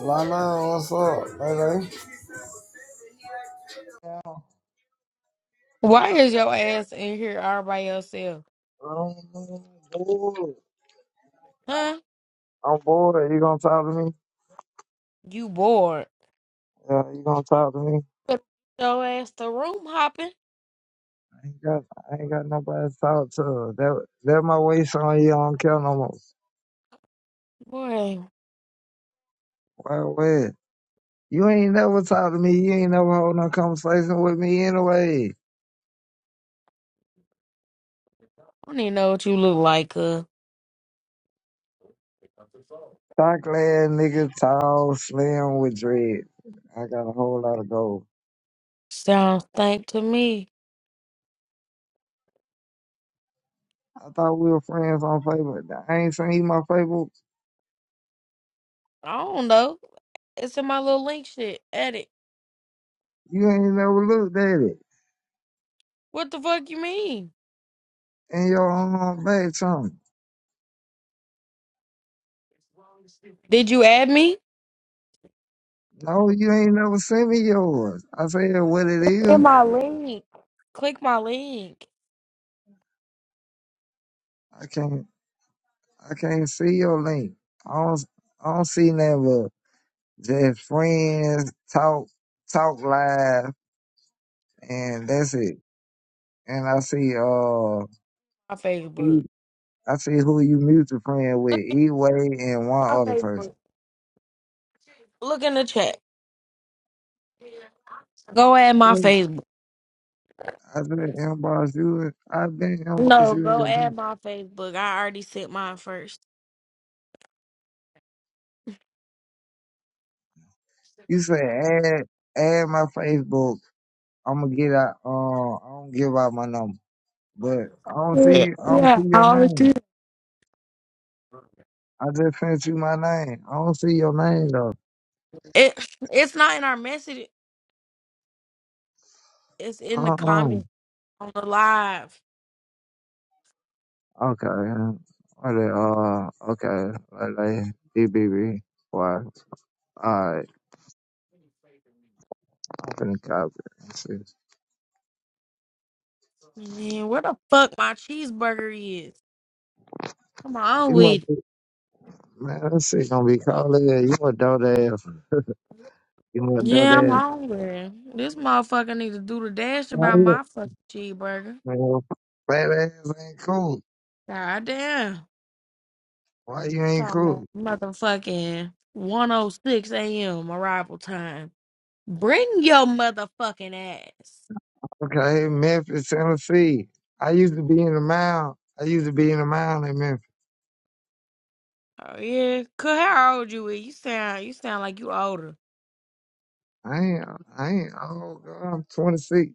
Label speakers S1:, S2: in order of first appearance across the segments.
S1: Lana, what's up, baby? Yeah, I
S2: Why is your ass in here all by yourself?
S1: don't know. I'm bored.
S2: Huh?
S1: I'm bored. You gonna talk to me?
S2: You bored.
S1: Yeah, you gonna talk to me?
S2: But your ass the room hopping.
S1: I ain't got, I ain't got nobody to talk to. That, that my waist on you. I don't care no more.
S2: Boy, I
S1: Well, well, you ain't never talk to me. You ain't never hold no conversation with me anyway.
S2: don't even know what you look like, uh.
S1: Dark lad, nigga, tall, slim, with dread. I got a whole lot of gold.
S2: Sounds stink to me.
S1: I thought we were friends on Facebook. I ain't seen my Facebook.
S2: I don't know. It's in my little link shit. Add it.
S1: You ain't never looked at it.
S2: What the fuck you mean?
S1: in your own back channel.
S2: Did you add me?
S1: No, you ain't never sent me yours. I said what it
S2: In
S1: is.
S2: my link. Click my link.
S1: I can't I can't see your link. I don't I don't see never just friends talk talk live and that's it. And I see uh
S2: My Facebook.
S1: I see who you mutual friend with,
S2: Look at
S1: E Way and
S2: my
S1: one other person.
S2: Facebook. Look in the chat. Go add my
S1: Mm.
S2: Facebook.
S1: I've been inbox you I've been inbox
S2: No,
S1: you in
S2: go
S1: your
S2: add
S1: book.
S2: my Facebook. I already sent mine first.
S1: You say add add my Facebook I'm gonna get out. Uh, I don't give out my number. But I don't
S2: Yeah,
S1: see I don't
S2: yeah,
S1: see
S2: I
S1: your
S2: already
S1: name.
S2: did.
S1: I just sent you my name. I don't see your name though.
S2: It, it's not in our message. It's in the
S1: Uh uh
S2: comment on the live.
S1: Okay. uh, What the, uh okay. Like like BBB. Why? Alright, I'm finna copy. it. Let's see.
S2: Man, where the fuck my cheeseburger is? Come on
S1: You must
S2: with it.
S1: be, man, let's see gonna be called ass. You a dope ass. You a dope
S2: Yeah, I'm
S1: ass.
S2: hungry. This motherfucker need to do the dash
S1: Why
S2: about
S1: you
S2: my fucking cheeseburger.
S1: man, baby ass ain't cool.
S2: God damn.
S1: Why you ain't
S2: Talking about
S1: cool?
S2: motherfucking 106 a.m. arrival time. Bring your motherfucking ass.
S1: Okay, Memphis, Tennessee. I used to be in the mound. I used to be in the mound in Memphis.
S2: Oh yeah, cause how old you is? You sound you sound like you older.
S1: I ain't, I ain't, oh God, I'm 26.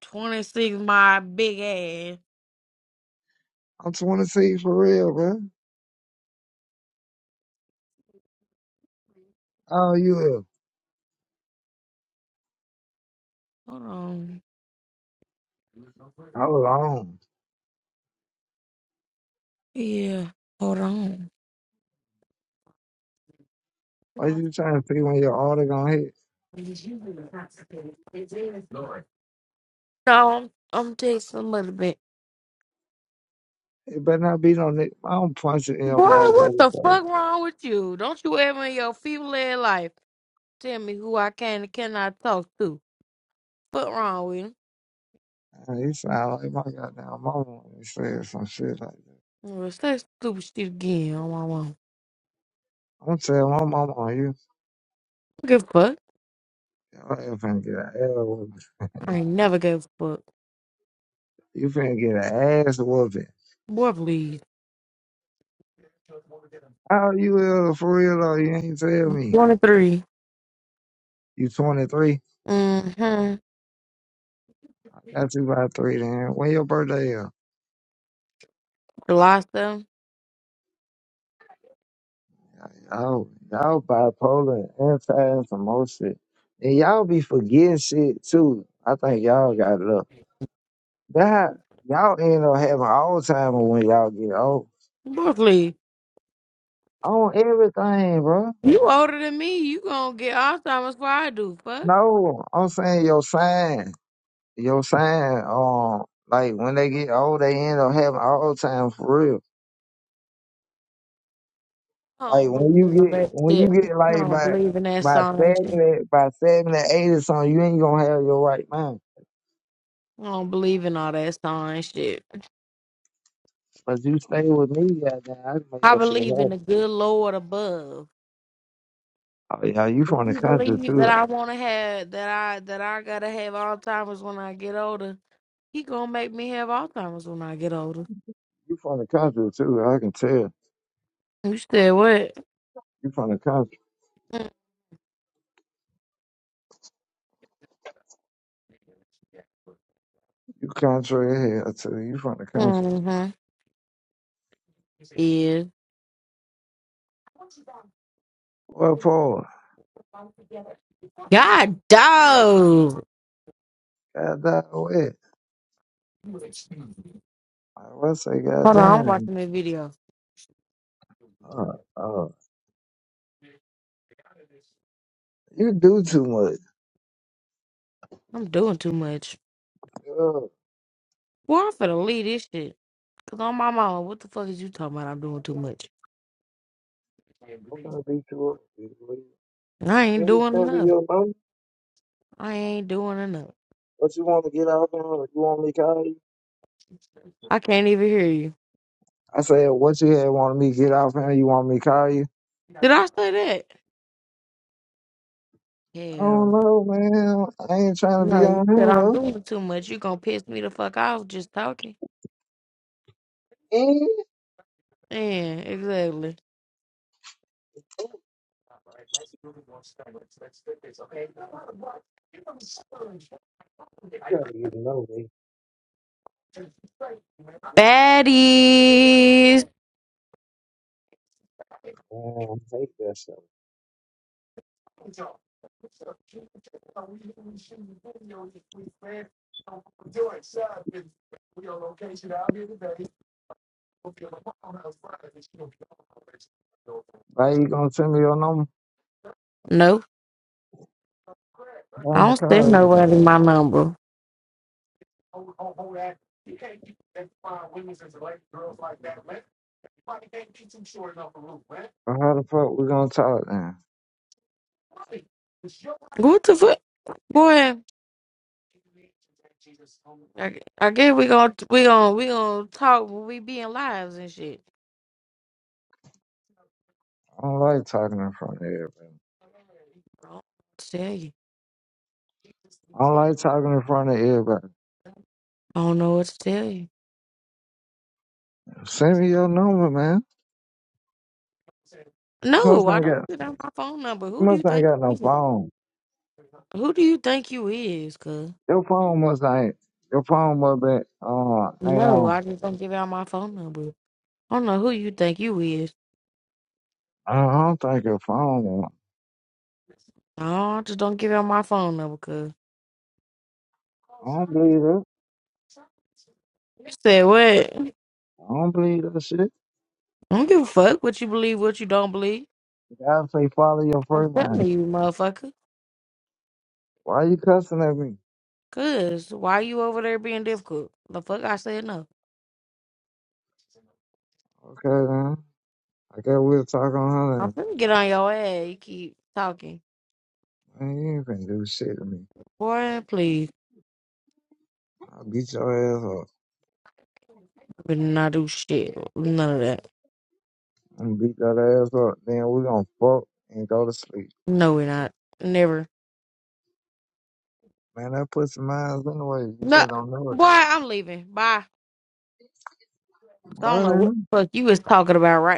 S2: Twenty six, my big ass.
S1: I'm 26 for real, bro. Oh, you is.
S2: Hold on.
S1: I was on.
S2: Yeah, hold on.
S1: Why
S2: So
S1: you trying to see when your order gonna hit?
S2: I'm I'm texting a little bit.
S1: It better not be no nigga. I don't punch it in your
S2: Boy, what
S1: motherfucking
S2: the
S1: face.
S2: fuck wrong with you? Don't you ever in your feeble ass life tell me who I can and cannot talk to? What wrong with him?
S1: Man, You sound like my goddamn mama when you say some shit like that.
S2: Well, say stupid shit again on my mom. I
S1: I'm telling my mama on you.
S2: don't Give a fuck.
S1: Your ass finna get an ass whooping.
S2: I ain't never gave a fuck.
S1: You finna get an ass whooping.
S2: Boy, please.
S1: How old you is for real though? You ain't tell me.
S2: Twenty three.
S1: You 23.
S2: Mm-hmm.
S1: I got you by three then. When your birthday is?
S2: Gloster.
S1: Oh, y'all bipolar and fast for most shit. And y'all be forgetting shit too. I think y'all got luck. That y'all end up having Alzheimer when y'all get old.
S2: Brooklyn,
S1: On everything, bro.
S2: you older than me. You gonna get Alzheimer's before I do. Fuck.
S1: No, I'm saying your sign. Your sign, um, like when they get old, they end up having Alzheimer for real.
S2: I
S1: Like
S2: don't
S1: when
S2: believe
S1: you
S2: in all
S1: get
S2: that
S1: when
S2: shit.
S1: you
S2: I
S1: get like
S2: don't
S1: by
S2: believe in that
S1: by
S2: song and shit.
S1: seventy by seventy eight or something, you ain't gonna have your right mind.
S2: I don't believe in all that song and shit.
S1: But you stay with me, goddamn. I can make
S2: I
S1: that shit
S2: believe in
S1: happen.
S2: the good Lord above.
S1: Oh yeah, you
S2: If
S1: from the
S2: he
S1: country
S2: believes that
S1: too.
S2: I wanna have that I that I gotta have Alzheimer's when I get older, he gonna make me have Alzheimer's when I get older.
S1: You from the country too. I can tell.
S2: You said what?
S1: You from the country. You country here too. You from the country.
S2: Mm-hmm. Yeah.
S1: Well, Paul,
S2: God dog.
S1: goddamn way. I will say,
S2: Hold on, I'm
S1: goddamn.
S2: watching the video.
S1: Uh, uh, you do too much.
S2: I'm doing too much.
S1: Girl,
S2: Well, I'm finna leave this shit. Cause on my mama, what the fuck is you talking about? I'm doing too much.
S1: I'm gonna be too old. You believe me?
S2: I
S1: You
S2: ain't doing
S1: understand me,
S2: enough.
S1: your mama?
S2: I ain't doing enough.
S1: What you want to get off on? Or you want me to call you?
S2: I can't even hear you.
S1: I said, what you had wanted me to get off on? You want me to call you?
S2: Did I say that?
S1: I don't
S2: Hell,
S1: know, man. I ain't trying to be
S2: no. You
S1: on
S2: said
S1: him,
S2: I'm
S1: though.
S2: doing too much. You gonna piss me the fuck off just talking?
S1: Eh,
S2: Yeah, exactly.
S1: You gotta get to know me.
S2: Baddies.
S1: Damn, take that shit. Why you gonna send me your number?
S2: No,
S1: I'm
S2: I
S1: gonna
S2: don't
S1: call
S2: send
S1: you
S2: nobody
S1: then.
S2: my number.
S1: Or how the fuck we gonna talk then?
S2: What the fuck, boy? I, I guess we gonna we gonna we gonna talk when we be in lives and shit.
S1: I don't like talking in front of everybody.
S2: I don't know what to tell you.
S1: I don't like talking in front of everybody.
S2: I don't know what to tell you.
S1: Send me your number, man. You must
S2: No, I
S1: not
S2: don't
S1: got
S2: give out my phone number.
S1: you
S2: Who do
S1: must
S2: you
S1: not
S2: think
S1: got
S2: you
S1: no
S2: is?
S1: phone.
S2: Who do you think you is, cuz?
S1: Your phone must not your phone must be uh ain't
S2: No,
S1: on.
S2: I just don't give out my phone number. I don't know who you think you is.
S1: I don't think your phone on.
S2: No, I just don't give out my phone number, cuz.
S1: I don't believe it.
S2: You said what?
S1: I don't believe that shit.
S2: I don't give a fuck what you believe, what you don't believe.
S1: You gotta say follow your
S2: I'm
S1: first line.
S2: telling you, motherfucker.
S1: Why you cussing at me?
S2: Cuz, why you over there being difficult? The fuck I said no.
S1: Okay then. I guess we'll talk on her
S2: I'm
S1: then.
S2: finna get on your ass. You keep talking.
S1: Man, you ain't finna do shit to me.
S2: Boy, please.
S1: I'll beat your ass up.
S2: We not do shit. None of that.
S1: I'm gonna beat that ass up. Then we gonna fuck and go to sleep.
S2: No, we not. Never.
S1: Man, that pussy miles anyway. You just
S2: No.
S1: don't know it.
S2: Boy, I'm leaving. Bye. 'Cause I don't know
S1: Bro,
S2: what the fuck you was talking about right